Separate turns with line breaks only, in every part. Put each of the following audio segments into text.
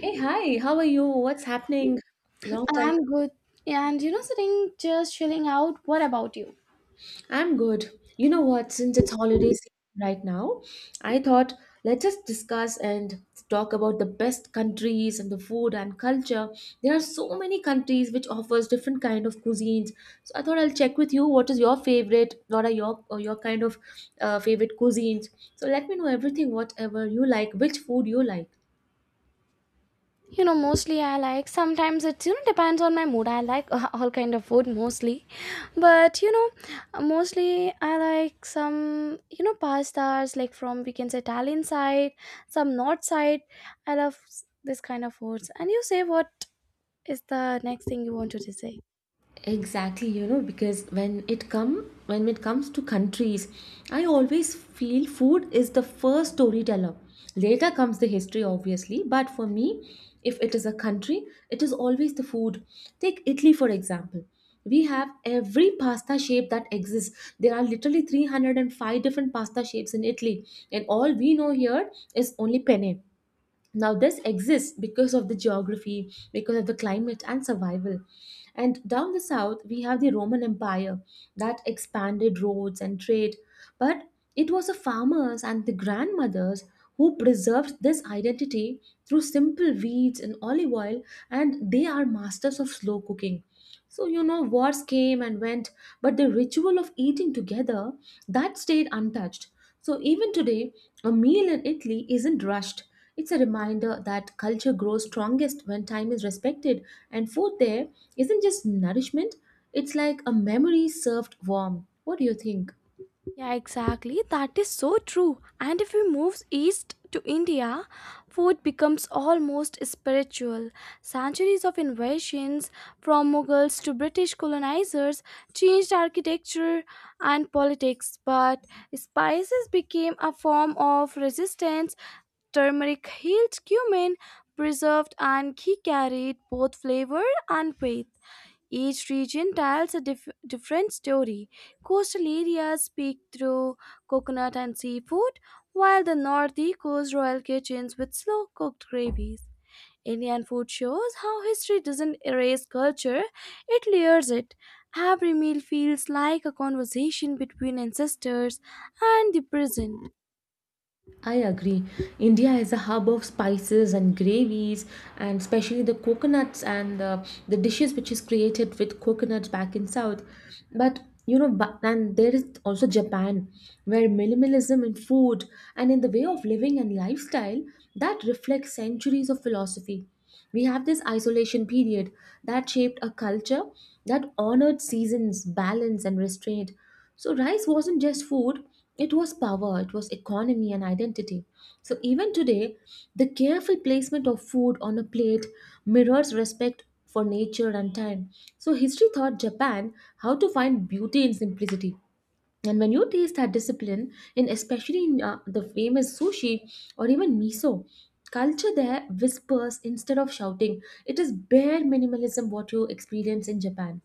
Hey, hi, how are you? What's happening? Long time.
I'm good. And you know, sitting just chilling out. What about you?
I'm good. You know what? Since it's holiday season right now, I thought let's just discuss and talk about the best countries and the food and culture. There are so many countries which offers different kind of cuisines. So I thought I'll check with you what is your favorite, what are your or your kind of favorite cuisines. So let me know everything, whatever you like, which food you like.
You know, mostly I like sometimes it depends on my mood. I like all kind of food mostly, but you know, mostly I like some pastas like from we can say Italian side, some North side. I love this kind of foods. And you say what is the next thing you wanted to say?
Exactly, because when it comes to countries, I always feel food is the first storyteller. Later comes the history obviously, but for me, if it is a country, it is always the food. Take Italy for example. We have every pasta shape that exists. There are literally 305 different pasta shapes in Italy, and all we know here is only penne. Now, this exists because of the geography, because of the climate and survival. And down the south, we have the Roman Empire that expanded roads and trade. But it was the farmers and the grandmothers who preserved this identity through simple weeds and olive oil, and they are masters of slow cooking. So, you know, wars came and went, but the ritual of eating together, that stayed untouched. So, even today, a meal in Italy isn't rushed. It's a reminder that culture grows strongest when time is respected, and food there isn't just nourishment, it's like a memory served warm. What do you think?
Yeah, exactly. That is so true. And if we move east to India, food becomes almost spiritual. Centuries of invasions from Mughals to British colonizers changed architecture and politics, but spices became a form of resistance. Turmeric healed cumin, preserved, and ghee carried both flavor and faith. Each region tells a different story. Coastal areas speak through coconut and seafood, while the north echoes royal kitchens with slow cooked gravies. Indian food shows how history doesn't erase culture, it layers it. Every meal feels like a conversation between ancestors and the present.
I agree. India is a hub of spices and gravies, and especially the coconuts and the dishes which is created with coconuts back in South. But you know, but, and there is also Japan, where minimalism in food and in the way of living and lifestyle that reflects centuries of philosophy. We have this isolation period that shaped a culture that honored seasons, balance, and restraint. So rice wasn't just food, it was power, it was economy and identity. So even today, the careful placement of food on a plate mirrors respect for nature and time. So history taught Japan how to find beauty in simplicity. And when you taste that discipline, in especially in the famous sushi or even miso, culture there whispers instead of shouting. It is bare minimalism what you experience in Japan.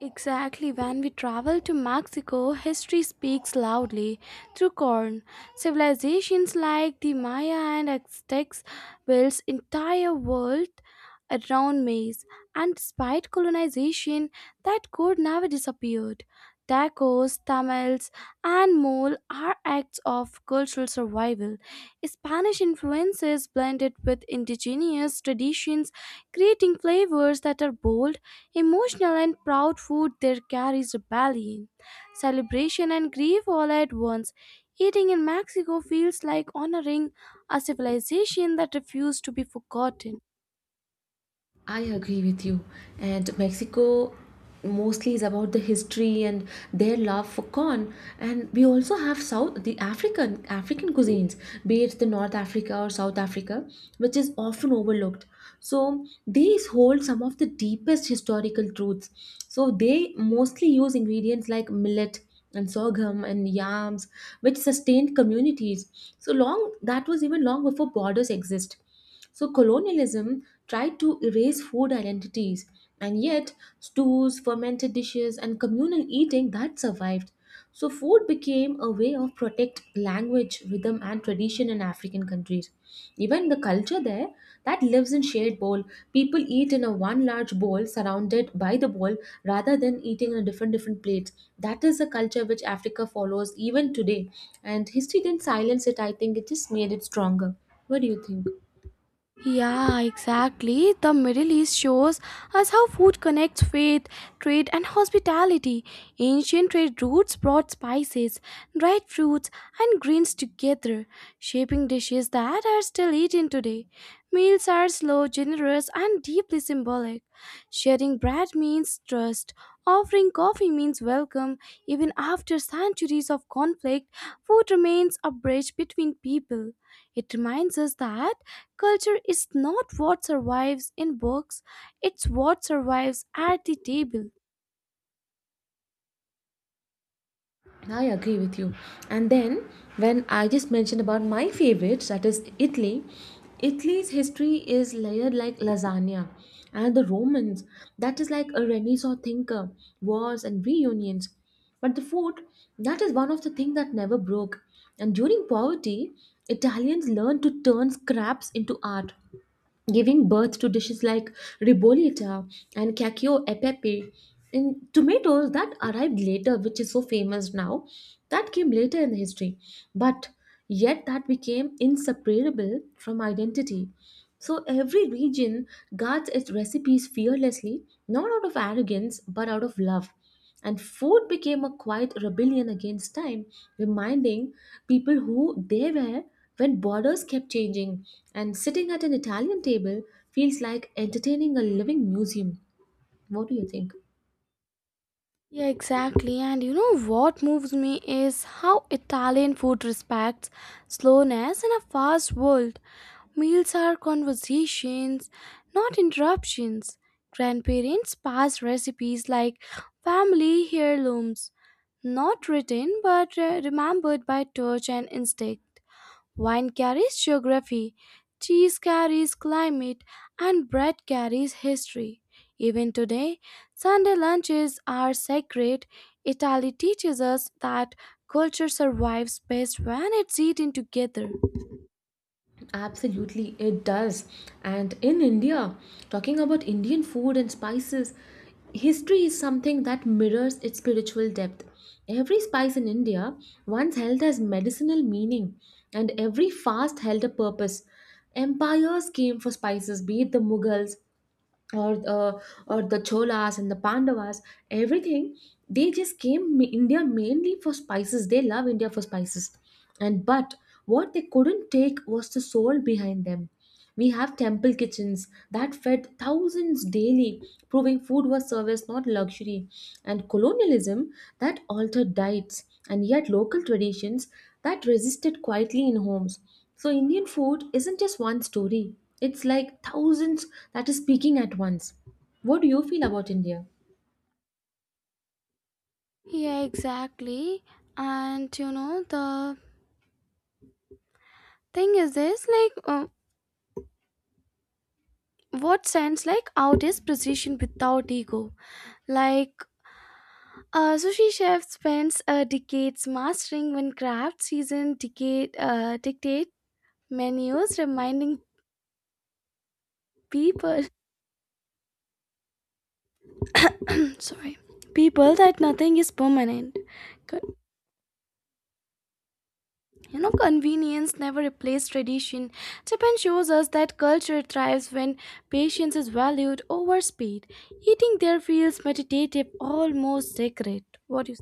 Exactly, when we travel to Mexico, history speaks loudly through corn. Civilizations like the Maya and Aztecs built entire world around maize, and despite colonization, that code never disappeared. Tacos, tamales, and mole are acts of cultural survival. Spanish influences blended with indigenous traditions creating flavors that are bold, emotional, and proud food there carries rebellion, celebration, and grief all at once. Eating in Mexico feels like honoring a civilization that refused to be forgotten.
I agree with you. And Mexico mostly is about the history and their love for corn. And we also have South the African African cuisines, be it the North Africa or South Africa, which is often overlooked. So these hold some of the deepest historical truths. So they mostly use ingredients like millet and sorghum and yams, which sustained communities. So long that was, even long before borders exist. So colonialism tried to erase food identities, and yet stews, fermented dishes, and communal eating that survived. So food became a way of protect language, rhythm, and tradition in African countries. Even the culture there that lives in shared bowl. People eat in a one large bowl surrounded by the bowl rather than eating in a different different plates. That is a culture which Africa follows even today. And history didn't silence it, I think it just made it stronger. What do you think?
Yeah, exactly. The Middle East shows us how food connects faith, trade, and hospitality. Ancient trade routes brought spices, dried fruits, and greens together, shaping dishes that are still eaten today. Meals are slow, generous, and deeply symbolic. Sharing bread means trust, offering coffee means welcome. Even after centuries of conflict, food remains a bridge between people. It reminds us that culture is not what survives in books, it's what survives at the table.
I agree with you. And then when I just mentioned about my favorites, that is Italy, Italy's history is layered like lasagna. And the Romans, that is like a Renaissance thinker, wars and reunions. But the food, that is one of the things that never broke. And during poverty, Italians learned to turn scraps into art, giving birth to dishes like ribollita and cacio e pepe, and tomatoes that arrived later, which is so famous now, that came later in history, but yet that became inseparable from identity. So every region guards its recipes fearlessly, not out of arrogance but out of love, and food became a quiet rebellion against time, reminding people who they were when borders kept changing. And sitting at an Italian table feels like entertaining a living museum. What do you think?
Yeah, exactly. And you know what moves me is how Italian food respects slowness in a fast world. Meals are conversations, not interruptions. Grandparents pass recipes like family heirlooms, not written but remembered by touch and instinct. Wine carries geography, cheese carries climate, and bread carries history. Even today, Sunday lunches are sacred. Italy teaches us that culture survives best when it's eaten together.
Absolutely, it does. And in India, talking about Indian food and spices, history is something that mirrors its spiritual depth. Every spice in India once held as medicinal meaning, and every fast held a purpose. Empires came for spices, be it the Mughals, or uh, or the Cholas and the Pandavas, everything they just India mainly for spices. They love India for spices, and but what they couldn't take was the soul behind them. We have temple kitchens that fed thousands daily, proving food was service, not luxury, and colonialism that altered diets, and yet local traditions that resisted quietly in homes. So, Indian food isn't just one story, it's like thousands that is speaking at once. What do you feel about India?
Yeah, exactly. And you know, the thing is this like, what sense like out is precision without ego? Like, a sushi chef spends decades mastering one craft. Season decade dictate menus, reminding people, sorry, people that nothing is permanent. Con- You know, convenience never replaced tradition. Japan shows us that culture thrives when patience is valued over speed. Eating there feels meditative, almost sacred. What do you?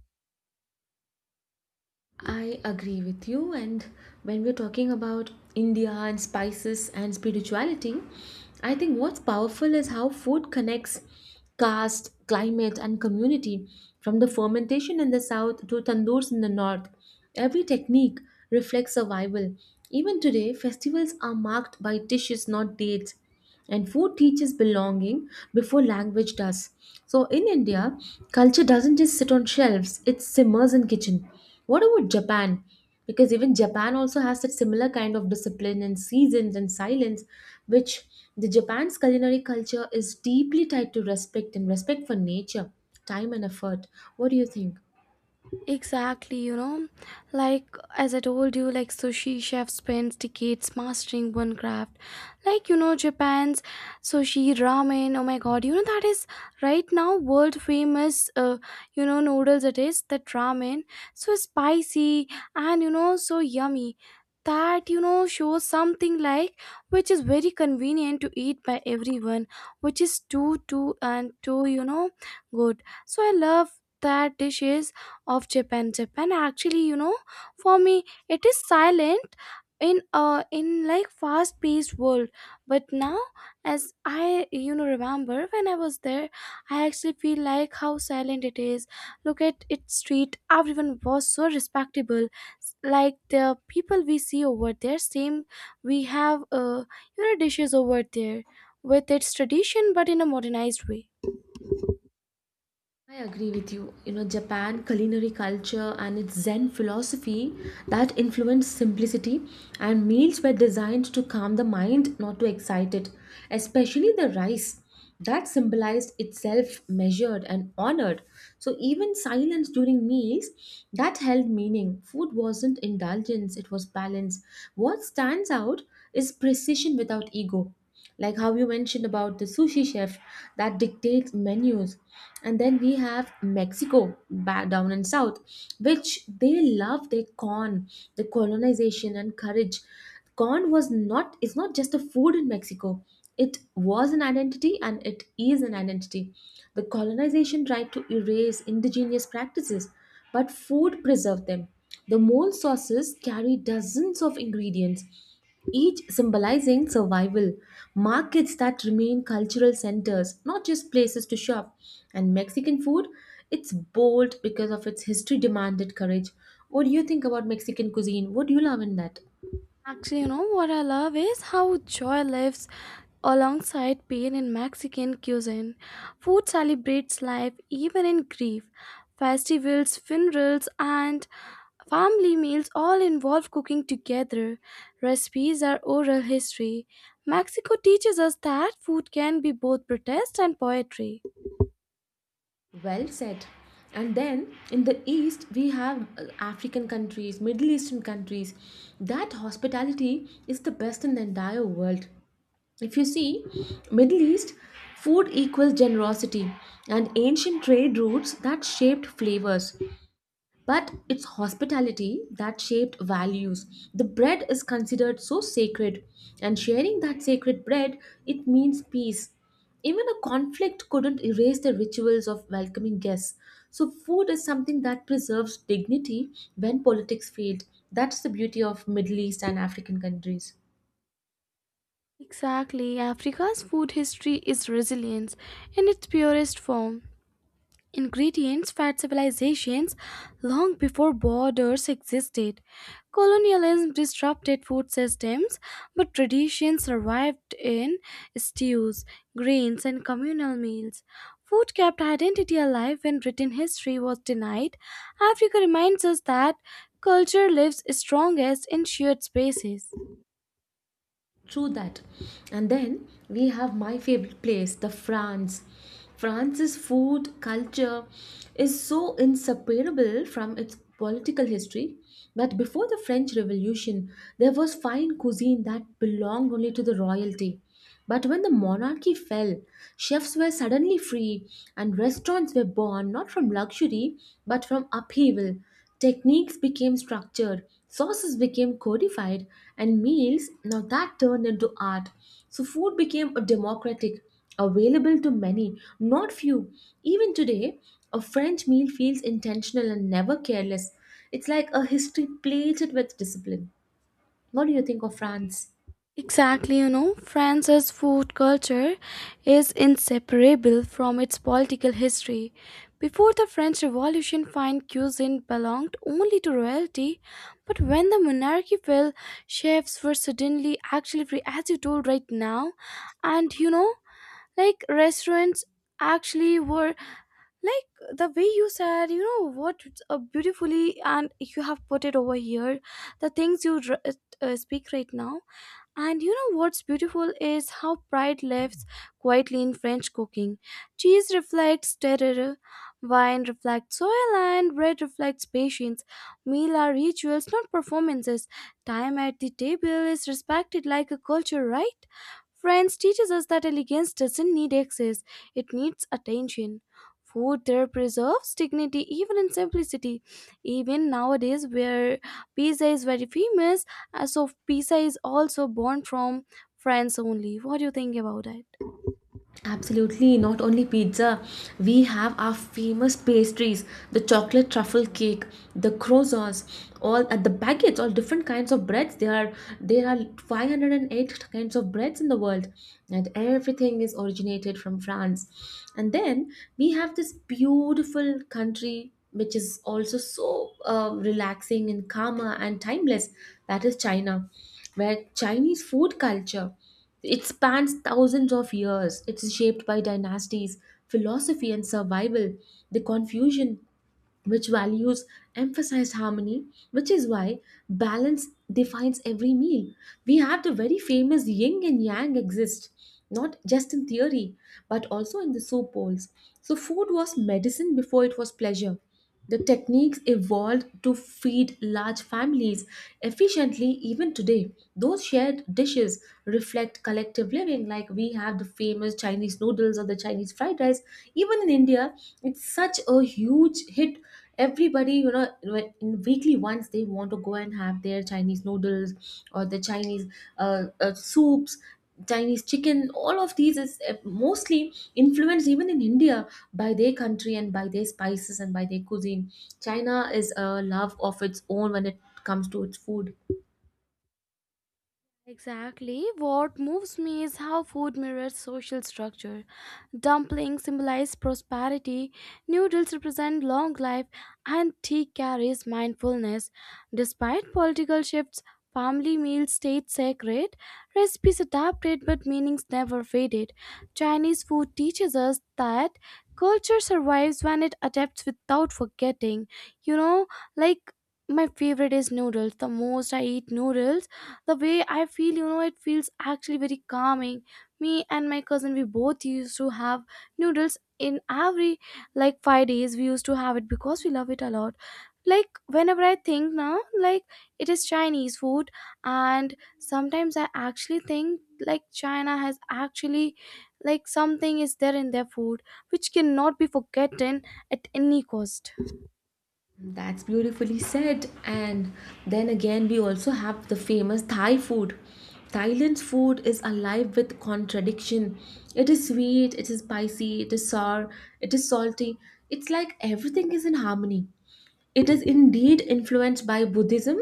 I agree with you. And when we're talking about India and spices and spirituality, I think what's powerful is how food connects caste, climate, and community from the fermentation in the south to tandoors in the north. Every technique reflects survival. Even today, festivals are marked by dishes, not dates. And food teaches belonging before language does. So in India, culture doesn't just sit on shelves, it simmers in kitchen. What about Japan? Because even Japan also has that similar kind of discipline and seasons and silence, which, the Japan's culinary culture is deeply tied to respect, and respect for nature, time and effort. What do you think?
Exactly, you know, like as I told you, like sushi chef spends decades mastering one craft. Like you know, Japan's sushi ramen. Oh my god, you know that is right now world famous. You know noodles it is that ramen so spicy and you know so yummy. That you know shows something like which is very convenient to eat by everyone, which is too you know good. So I love that dishes of Japan. Japan actually, you know, for me it is silent in like fast paced world. But now as I you know remember when I was there, I actually feel like how silent it is. Look at its street, everyone was so respectable. Like the people we see over there, same we have you know dishes over there with its tradition but in a modernized way.
I agree with you. You know, Japan culinary culture and its Zen philosophy that influenced simplicity, and meals were designed to calm the mind, not to excite it. Especially the rice that symbolized itself, measured and honored. So even silence during meals that held meaning. Food wasn't indulgence, it was balance. What stands out is precision without ego, like how you mentioned about the sushi chef that dictates menus. And then we have Mexico back down in south, which they love their corn. The colonization and courage, corn was not, it's not just a food in Mexico, it was an identity and it is an identity. The colonization tried to erase indigenous practices, but food preserved them. The mole sauces carry dozens of ingredients, each symbolizing survival, markets that remain cultural centers, not just places to shop. And Mexican food, it's bold because of its history demanded courage. What do you think about Mexican cuisine? What do you love in that?
Actually, you know what I love is how joy lives alongside pain in Mexican cuisine. Food celebrates life even in grief. Festivals, funerals, and family meals all involve cooking together. Recipes are oral history. Mexico teaches us that food can be both protest and poetry.
Well said. And then in the East, we have African countries, Middle Eastern countries. That hospitality is the best in the entire world. If you see, Middle East food equals generosity and ancient trade routes that shaped flavors. But it's hospitality that shaped values. The bread is considered so sacred, and sharing that sacred bread, it means peace. Even a conflict couldn't erase the rituals of welcoming guests. So, food is something that preserves dignity when politics failed. That's the beauty of Middle East and African countries.
Exactly, Africa's food history is resilience in its purest form. Ingredients fed civilizations long before borders existed. Colonialism disrupted food systems, but traditions survived in stews, grains, and communal meals. Food kept identity alive when written history was denied. Africa reminds us that culture lives strongest in shared spaces.
True that. And then we have my favorite place, the France. France's food culture is so inseparable from its political history that before the French Revolution, there was fine cuisine that belonged only to the royalty. But when the monarchy fell, chefs were suddenly free and restaurants were born, not from luxury but from upheaval. Techniques became structured, sauces became codified, and meals now that turned into art. So food became a democratic, available to many, not few. Even today, a French meal feels intentional and never careless. It's like a history plated with discipline. What do you think of France?
Exactly, you know, France's food culture is inseparable from its political history. Before the French Revolution, fine cuisine belonged only to royalty, but when the monarchy fell, chefs were suddenly actually free, as you told right now. And you know, like restaurants actually were like the way you said, you know, what a beautifully and you have put it over here, the things you speak right now and you know what's beautiful is how pride lives quietly in French cooking. Cheese reflects terroir, wine reflects soil, and bread reflects patience. Meal are rituals, not performances. Time at the table is respected like a culture, right? French teaches us that elegance doesn't need excess, it needs attention. Food there preserves dignity even in simplicity. Even nowadays, where pizza is very famous, so pizza is also born from France only. What do you think about it?
Absolutely, not only pizza, we have our famous pastries, the chocolate truffle cake, the croissants, all at the baguettes, all different kinds of breads. There are 508 kinds of breads in the world, and everything is originated from France. And then we have this beautiful country which is also so relaxing and calmer and timeless. That is China, where Chinese food culture. It spans thousands of years. It's shaped by dynasties, philosophy, and survival. The Confucian, which values emphasized harmony, which is why balance defines every meal. We have the very famous yin and yang exist, not just in theory, but also in the soup bowls. So, food was medicine before it was pleasure. The techniques evolved to feed large families efficiently even today. Those shared dishes reflect collective living, like we have the famous Chinese noodles or the Chinese fried rice. Even in India, it's such a huge hit. Everybody, you know, in weekly once they want to go and have their Chinese noodles or the Chinese soups. Chinese chicken, all of these is mostly influenced even in India by their country and by their spices and by their cuisine. China is a love of its own when it comes to its food.
Exactly. What moves me is how food mirrors social structure. Dumplings symbolize prosperity, noodles represent long life, and tea carries mindfulness. Despite political shifts, family meals stayed sacred, recipes adapted but meanings never faded. Chinese food teaches us that culture survives when it adapts without forgetting. You know, like my favorite is noodles. The most I eat noodles the way I feel you know it feels actually very calming. Me and my cousin we both used to have noodles in every like 5 days we used to have it because we love it a lot. Like whenever I think now, like it is Chinese food, and sometimes I actually think like China has actually like something is there in their food which cannot be forgotten at any cost.
That's beautifully said. And then again, we also have the famous Thai food. Thailand's food is alive with contradiction. It is sweet, it is spicy, it is sour, it is salty. It's like everything is in harmony. It is indeed influenced by Buddhism,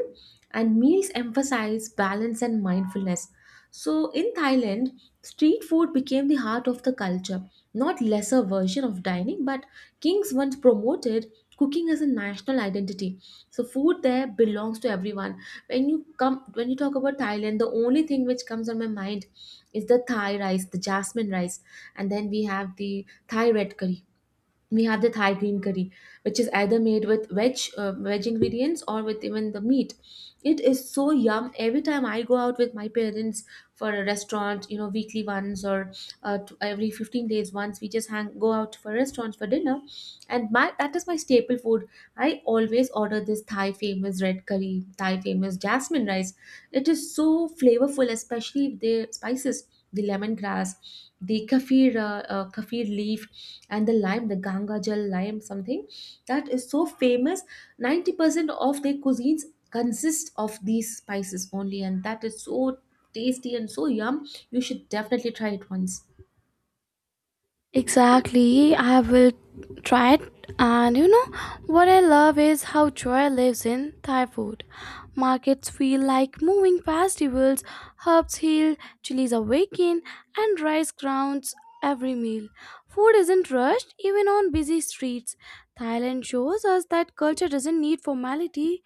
and meals emphasize balance and mindfulness. So, in Thailand, street food became the heart of the culture, not lesser version of dining, but kings once promoted cooking as a national identity. So, food there belongs to everyone. When you talk about Thailand, the only thing which comes on my mind is the Thai rice, the jasmine rice, and then we have the Thai red curry we have the Thai green curry, which is either made with veg veg ingredients or with even the meat. It is so yum. Every time I go out with my parents for a restaurant, you know, weekly once or every 15 days once, we just hang go out for restaurants for dinner, and my that is my staple food. I always order this Thai famous red curry, Thai famous jasmine rice. It is so flavorful, especially with the spices, the lemongrass, the kaffir, kaffir leaf, and the lime, the Ganga Jal lime, something that is so famous. 90% of their cuisines consist of these spices only, and that is so tasty and so yum. You should definitely try it once.
Exactly, I will try it. And you know what I love is how joy lives in Thai food. Markets feel like moving festivals, herbs heal, chilies awaken, and rice grounds every meal. Food isn't rushed even on busy streets. Thailand shows us that culture doesn't need formality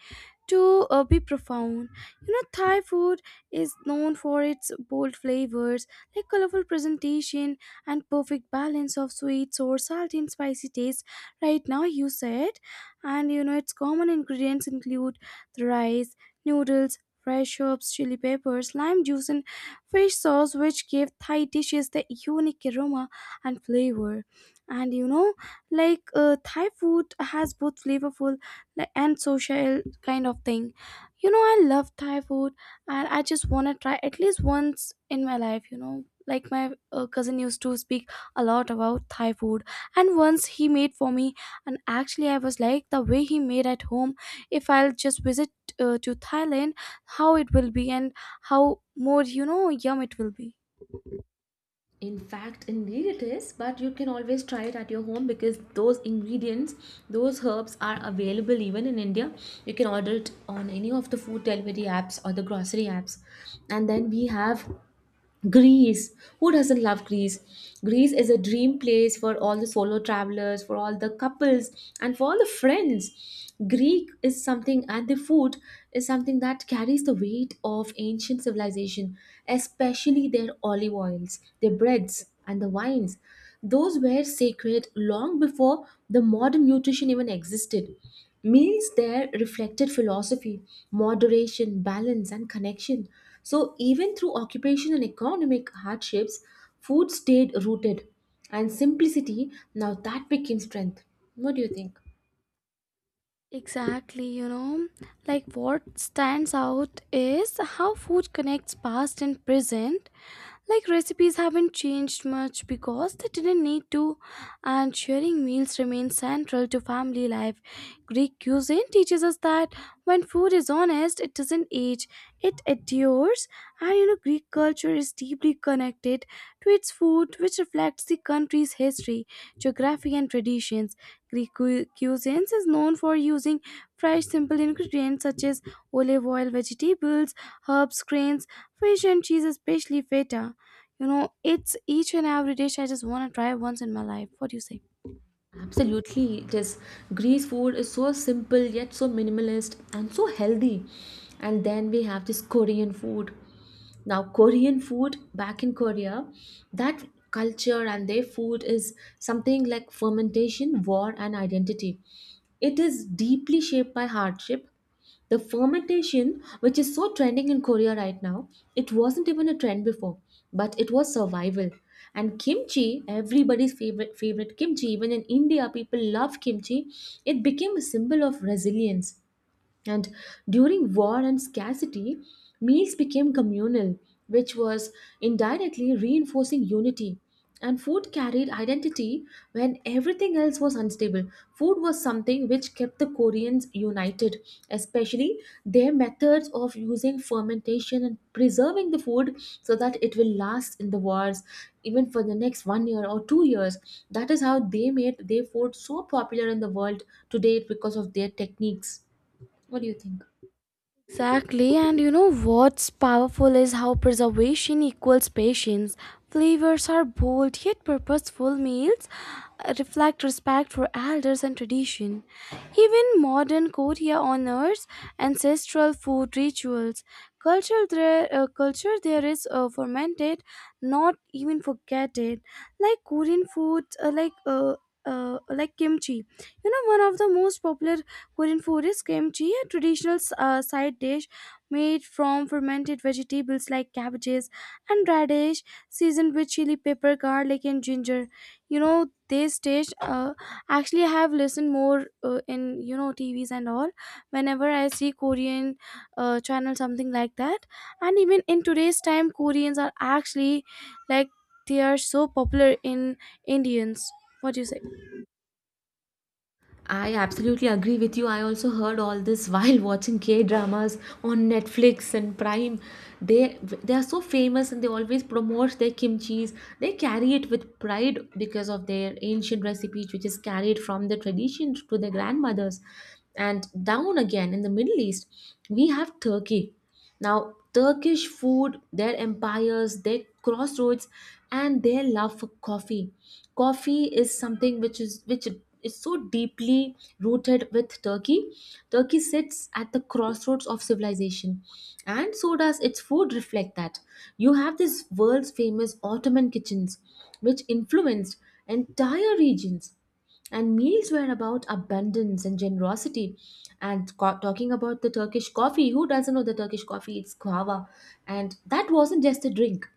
to be profound. You know, Thai food is known for its bold flavors, like colorful presentation and perfect balance of sweet, sour, salty, and spicy taste. Right now, you said, and you know its common ingredients include the rice, noodles, fresh herbs, chili peppers, lime juice, and fish sauce, which give Thai dishes the unique aroma and flavor. And you know, like Thai food has both flavorful like, and social kind of thing. You know, I love Thai food and I just want to try at least once in my life, you know like my cousin used to speak a lot about Thai food and once he made for me and actually I was like the way he made at home if I'll just visit to Thailand how it will be and how more you know yum it will be.
In fact, indeed it is, but you can always try it at your home because those ingredients, those herbs are available even in India. You can order it on any of the food delivery apps or the grocery apps. And then we have Greece. Who doesn't love Greece? Greece is a dream place for all the solo travelers, for all the couples, and for all the friends. Greek is something, and the food is something that carries the weight of ancient civilization, especially their olive oils, their breads, and the wines. Those were sacred long before the modern nutrition even existed. Meals there reflected philosophy, moderation, balance, and connection. So, even through occupation and economic hardships, food stayed rooted. And simplicity, now that became strength. What do you think?
Exactly, you know, like what stands out is how food connects past and present. Like recipes haven't changed much because they didn't need to, and sharing meals remains central to family life. Greek cuisine teaches us that when food is honest, it doesn't age, it endures. And you know, Greek culture is deeply connected to its food, which reflects the country's history, geography, and traditions. Greek cuisine is known for using fresh, simple ingredients such as olive oil, vegetables, herbs, grains, fish, and cheese, especially feta. You know, it's each and every dish I just want to try once in my life. What do you say?
Absolutely, it is. Greece food is so simple yet so minimalist and so healthy. And then we have this Korean food. Now, Korean food back in Korea, that culture and their food is something like fermentation, war, and identity. It is deeply shaped by hardship. The fermentation, which is so trending in Korea right now, it wasn't even a trend before, but it was survival. And kimchi, everybody's favorite kimchi, even in India, people love kimchi. It became a symbol of resilience. And during war and scarcity, meals became communal, which was indirectly reinforcing unity. And food carried identity when everything else was unstable. Food was something which kept the Koreans united, especially their methods of using fermentation and preserving the food so that it will last in the wars, even for the next 1 year or 2 years. That is how they made their food so popular in the world today because of their techniques. What do you think?
Exactly, and you know what's powerful is how preservation equals patience. Flavors are bold yet purposeful meals reflect respect for elders and tradition. Even modern Korea honors ancestral food rituals. Culture there is fermented, not even forgotten. Like Korean foods, like kimchi. You know, one of the most popular Korean food is kimchi, a traditional side dish made from fermented vegetables like cabbages and radish, seasoned with chili pepper, garlic, and ginger. You know, this dish actually I have listened more in you know TVs and all whenever I see Korean channel something like that. And even in today's time, Koreans are actually like they are so popular in Indians. What do you say?
I absolutely agree with you. I also heard all this while watching K dramas on Netflix and Prime. They they are so famous and they always promote their kimchi's. They carry it with pride because of their ancient recipes, which is carried from the tradition to their grandmothers. And down again in the Middle East, we have Turkey. Now, Turkish food, their empires, their crossroads, and their love for coffee. Coffee is something which is so deeply rooted with Turkey. Turkey sits at the crossroads of civilization, and so does its food reflect that. You have this world's famous Ottoman kitchens, which influenced entire regions and meals were about abundance and generosity and talking about the Turkish coffee, who doesn't know the Turkish coffee? It's guava, and that wasn't just a drink,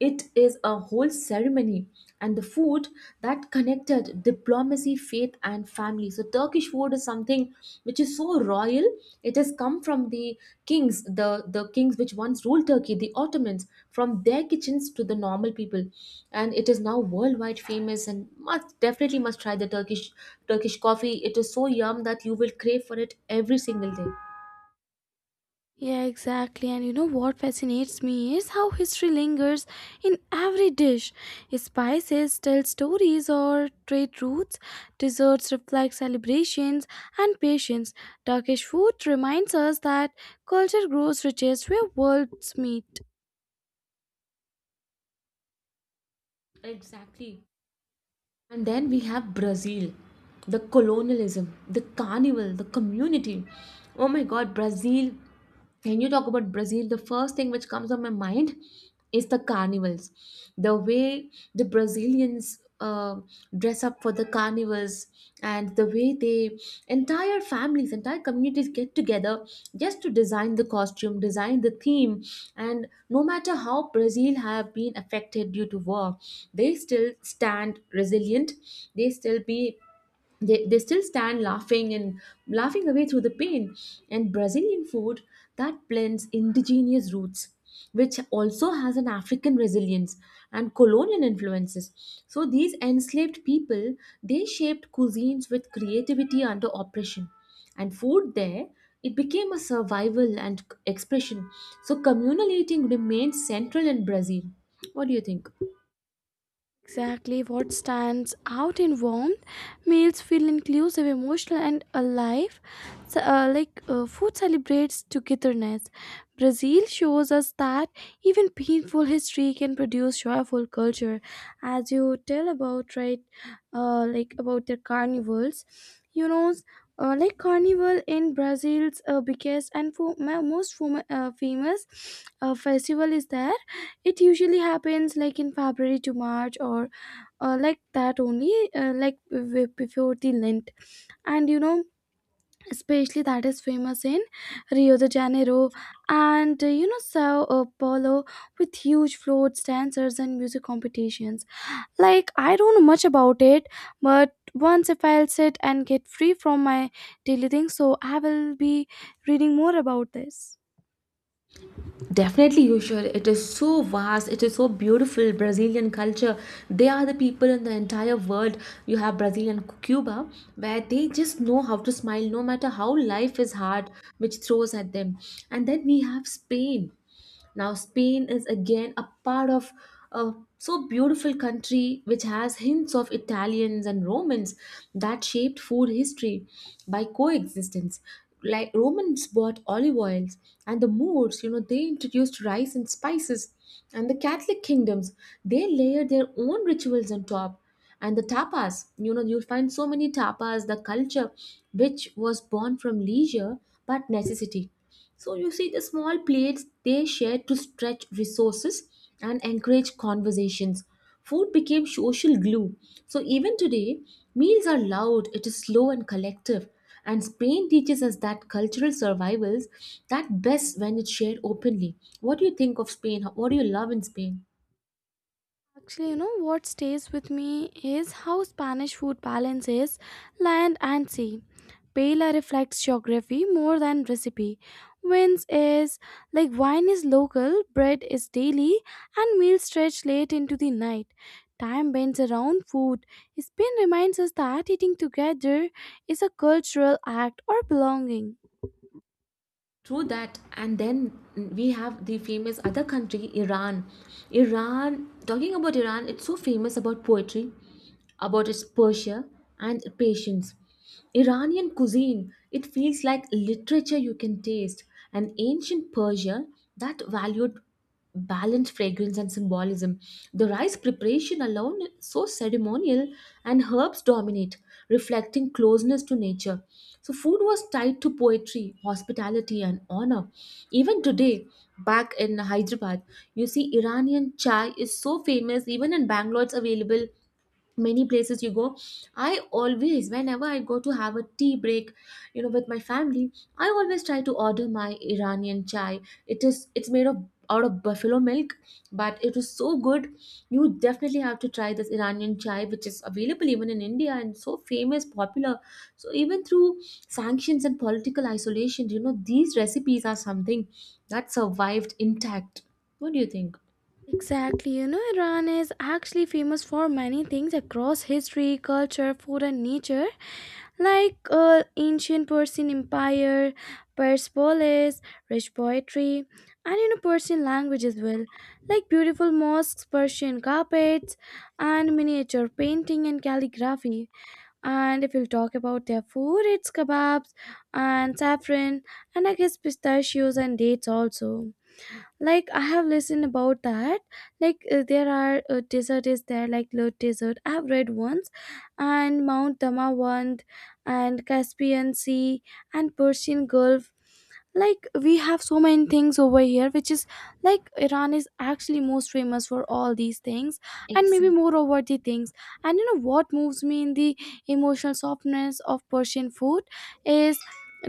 it is a whole ceremony and the food that connected diplomacy, faith, and family. So Turkish food is something which is so royal. It has come from the kings, the kings which once ruled Turkey, the Ottomans, from their kitchens to the normal people, and it is now worldwide famous and must definitely must try the Turkish coffee. It is so yum that you will crave for it every single day.
Yeah, exactly. And you know what fascinates me is how history lingers in every dish. Spices tell stories or trade routes, desserts reflect celebrations and patience. Turkish food reminds us that culture grows richest where worlds meet.
Exactly. And then we have Brazil, the colonialism, the carnival, the community. Oh my god, Brazil. When you talk about Brazil, the first thing which comes on my mind is the carnivals. The way the Brazilians dress up for the carnivals and the way they entire families, entire communities get together just to design the costume, design the theme, and no matter how Brazil have been affected due to war, they still stand resilient. They still be they still stand laughing and laughing away through the pain. And Brazilian food that blends indigenous roots, which also has an African resilience and colonial influences. So these enslaved people, they shaped cuisines with creativity under oppression, and food there, it became a survival and expression. So communal eating remains central in Brazil. What do you think?
Exactly what stands out in warmth, meals feel inclusive, emotional, and alive. So, food celebrates togetherness. Brazil shows us that even painful history can produce joyful culture. As you tell about right, like about their carnivals, you know, like carnival in Brazil's biggest and most famous festival is there. It usually happens like in February to March or like that only, before the lent. And you know especially that is famous in Rio de Janeiro and you know Sao Paulo with huge floats dancers and music competitions. Like, I don't know much about it, but once if I'll sit and get free from my daily thing, so I will be reading more about this.
Definitely, you should. It is so vast. It is so beautiful. Brazilian culture. They are the people in the entire world. You have Brazil and Cuba, where they just know how to smile no matter how life is hard, which throws at them. And then we have Spain. Now, Spain is again a part of a so beautiful country which has hints of Italians and Romans that shaped food history by coexistence. Like Romans bought olive oils, and the Moors, you know, they introduced rice and spices, and the Catholic kingdoms, they layered their own rituals on top. And the tapas, you know, you'll find so many tapas, the culture which was born from leisure but necessity. So you see, the small plates they share to stretch resources and encourage conversations. Food became social glue. So even today, meals are loud, it is slow and collective. And Spain teaches us that cultural survivals that best when it's shared openly. What do you think of Spain? What do you love in Spain?
Actually, you know what stays with me is how Spanish food balances land and sea. Paella reflects geography more than recipe. Wines is like wine is local, bread is daily, and meals stretch late into the night. Time bends around food. Spin reminds us that eating together is a cultural act or belonging.
True that, and then we have the famous other country, Iran. Iran, talking about Iran, it's so famous about poetry, about its Persia and patience. Iranian cuisine, it feels like literature you can taste, and ancient Persia that valued balanced fragrance and symbolism. The rice preparation alone is so ceremonial, and herbs dominate, reflecting closeness to nature. So, food was tied to poetry, hospitality, and honor. Even today, back in Hyderabad, you see Iranian chai is so famous, even in Bangalore, it's available many places you go. I always, whenever I go to have a tea break, you know, with my family, I always try to order my Iranian chai. It's made of out of buffalo milk, but it is so good. You definitely have to try this Iranian chai, which is available even in India and so famous popular. So even through sanctions and political isolation, you know, these recipes are something that survived intact. What do you think?
Exactly, you know, Iran is actually famous for many things across history, culture, food, and nature. Like ancient Persian Empire, Persepolis, rich poetry, and you know Persian language as well, like beautiful mosques, Persian carpets, and miniature painting and calligraphy. And if you'll talk about their food, it's kebabs and saffron, and I guess pistachios and dates also. Like I have listened about that, like there are desert is there like low desert I have read once, and Mount Damawand and Caspian Sea and Persian Gulf. Like we have so many things over here which is like Iran is actually most famous for all these things and maybe
Exactly.
more over the things. And you know what moves me in the emotional softness of Persian food is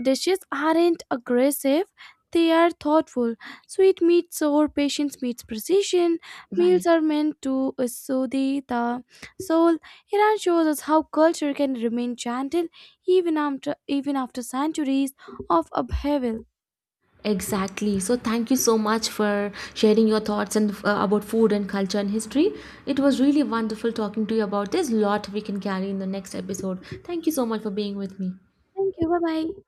dishes aren't aggressive, they are thoughtful. Sweet meets sour, patience meets precision.
Right.
Meals are meant to soothe the soul. Iran shows us how culture can remain gentle even after centuries of upheaval.
Exactly. So thank you so much for sharing your thoughts and about food and culture and history. It was really wonderful talking to you about this. Lot we can carry in the next episode. Thank you so much for being with me.
Thank you. Bye bye.